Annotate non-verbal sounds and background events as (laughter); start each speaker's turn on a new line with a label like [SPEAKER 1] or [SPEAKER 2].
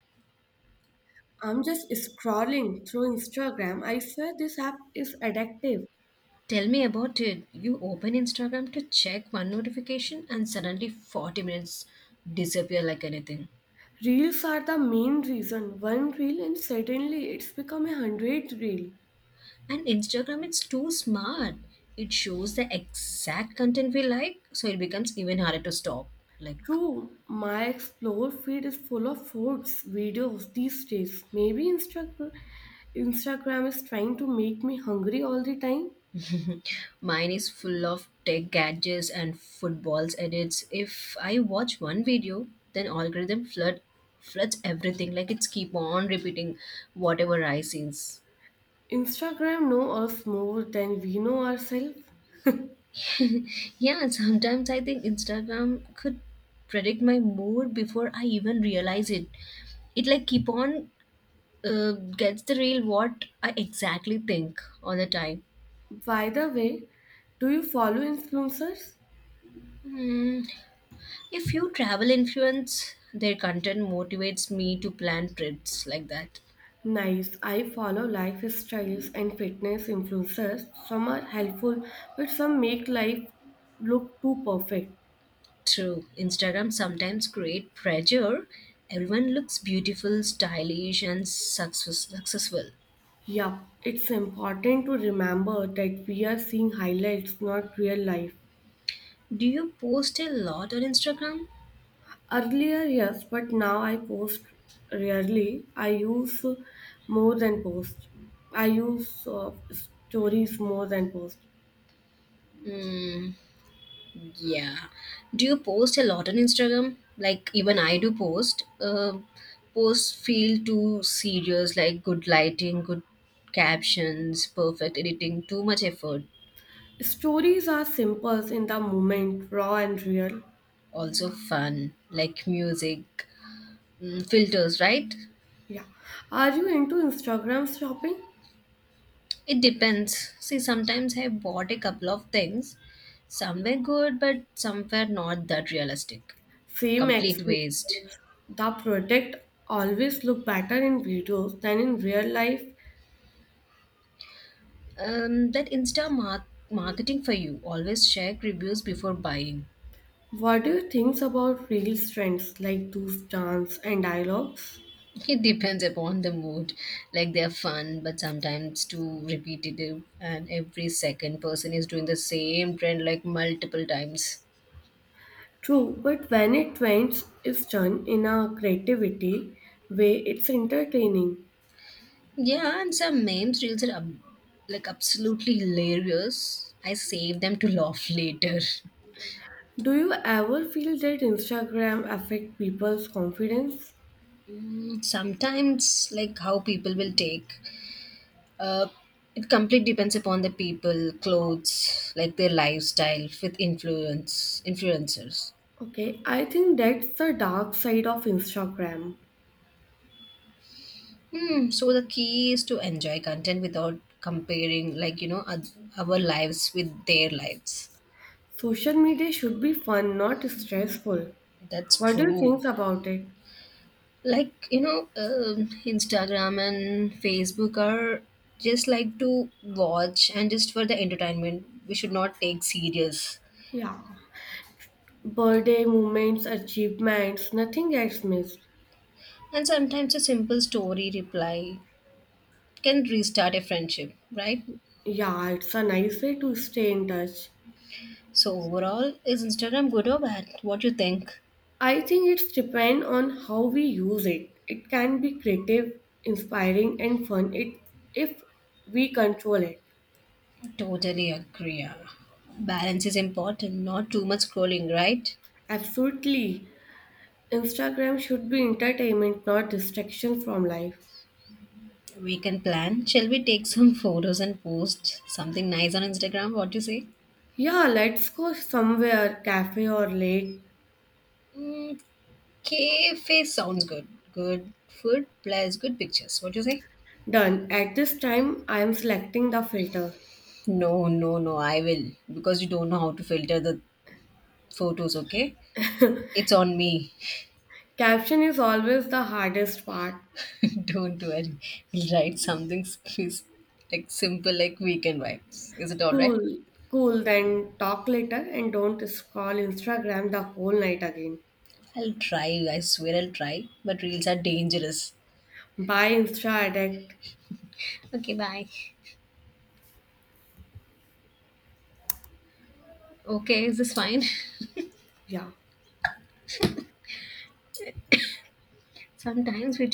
[SPEAKER 1] I'm just scrolling through Instagram. I swear this app is addictive.
[SPEAKER 2] Tell me about it. You open Instagram to check one notification and suddenly 40 minutes disappear like anything.
[SPEAKER 1] Reels are the main reason. One reel and suddenly it's become a hundred reel.
[SPEAKER 2] And Instagram it's too smart. It shows the exact content we like, so it becomes even harder to stop. Like
[SPEAKER 1] True, my explore feed is full of foods videos these days. Maybe Instagram is trying to make me hungry all the time.
[SPEAKER 2] mine is full of tech gadgets and footballs edits. If I watch one video, then algorithm floods everything. Like it's keep on repeating whatever I sees.
[SPEAKER 1] Instagram know us more than we know ourselves.
[SPEAKER 2] Yeah, sometimes I think Instagram could predict my mood before I even realize it. It like keep on gets the real what I exactly think all the time.
[SPEAKER 1] By the way, do you follow influencers?
[SPEAKER 2] Hmm. A few travel influence their content motivates me to plan trips like that.
[SPEAKER 1] Nice. I follow lifestyles and fitness influencers. Some are helpful, but some make life look too perfect.
[SPEAKER 2] True, Instagram sometimes create pressure. Everyone looks beautiful, stylish, and successful.
[SPEAKER 1] Yup. It's important to remember that we are seeing highlights, not real life.
[SPEAKER 2] Do you post a lot on Instagram?
[SPEAKER 1] Earlier, yes, but now I post rarely. I use more than post. I use stories more than post.
[SPEAKER 2] Hmm. Yeah. Do you post a lot on Instagram? Like even I do post. Posts feel too serious, like good lighting, good captions, perfect editing, too much effort.
[SPEAKER 1] Stories are simple in the moment, raw and real.
[SPEAKER 2] Also fun, like music, filters, right?
[SPEAKER 1] Yeah. Are you into Instagram shopping?
[SPEAKER 2] It depends. See, sometimes I bought a couple of things. Some were good, but some were not that realistic.
[SPEAKER 1] Same
[SPEAKER 2] Complete waste.
[SPEAKER 1] experience. The product always look better in videos than in real life.
[SPEAKER 2] That marketing for you. Always check reviews before buying.
[SPEAKER 1] What do you think about real trends like those dance and dialogues?
[SPEAKER 2] It depends upon the mood. Like they're fun, but sometimes too repetitive, and every second person is doing the same trend like multiple times.
[SPEAKER 1] True, but when it trends is done in a creativity way, it's entertaining.
[SPEAKER 2] Yeah, and some memes reels are like absolutely hilarious. I save them to laugh later.
[SPEAKER 1] Do you ever feel that Instagram affect people's confidence?
[SPEAKER 2] Mm, sometimes, like how people will take, uh, it completely depends upon the people, clothes, like their lifestyle with influencers.
[SPEAKER 1] Okay, I think that's the dark side of Instagram.
[SPEAKER 2] Hmm. So the key is to enjoy content without comparing, like, you know, our lives with their lives.
[SPEAKER 1] Social media should be fun, not stressful.
[SPEAKER 2] That's
[SPEAKER 1] What do you
[SPEAKER 2] true.
[SPEAKER 1] think about it?
[SPEAKER 2] Like, Instagram and Facebook are just like to watch and just for the entertainment. We should not take serious.
[SPEAKER 1] Yeah. Birthday, moments, achievements, nothing gets missed.
[SPEAKER 2] And sometimes a simple story reply can restart a friendship, right?
[SPEAKER 1] Yeah, it's a nice way to stay in touch.
[SPEAKER 2] So overall, is Instagram good or bad? What do you think?
[SPEAKER 1] I think it's depend on how we use it. It can be creative, inspiring and fun it if we control it.
[SPEAKER 2] Totally agree. Balance is important, not too much scrolling, right?
[SPEAKER 1] Absolutely. Instagram should be entertainment, not distraction from life.
[SPEAKER 2] We can plan. Shall we take some (laughs) photos and post something nice on Instagram? What do you say?
[SPEAKER 1] Yeah, let's go somewhere, cafe or lake.
[SPEAKER 2] Mm, cafe sounds good. Good food plus good pictures. What do you say?
[SPEAKER 1] Done. At this time I am selecting the filter.
[SPEAKER 2] No, no, no, I will. Because you don't know how to filter the photos, okay? It's on me.
[SPEAKER 1] Caption is always the hardest part.
[SPEAKER 2] (laughs) Don't worry. We'll write something (laughs) like simple like weekend vibes. Is it alright?
[SPEAKER 1] Cool, cool, then talk later and don't scroll Instagram the whole night again.
[SPEAKER 2] I'll try, I swear I'll try, but reels are dangerous.
[SPEAKER 1] Bye, Insta addict.
[SPEAKER 2] Okay, bye. Okay, is this fine?
[SPEAKER 1] Yeah.
[SPEAKER 2] (laughs) Sometimes we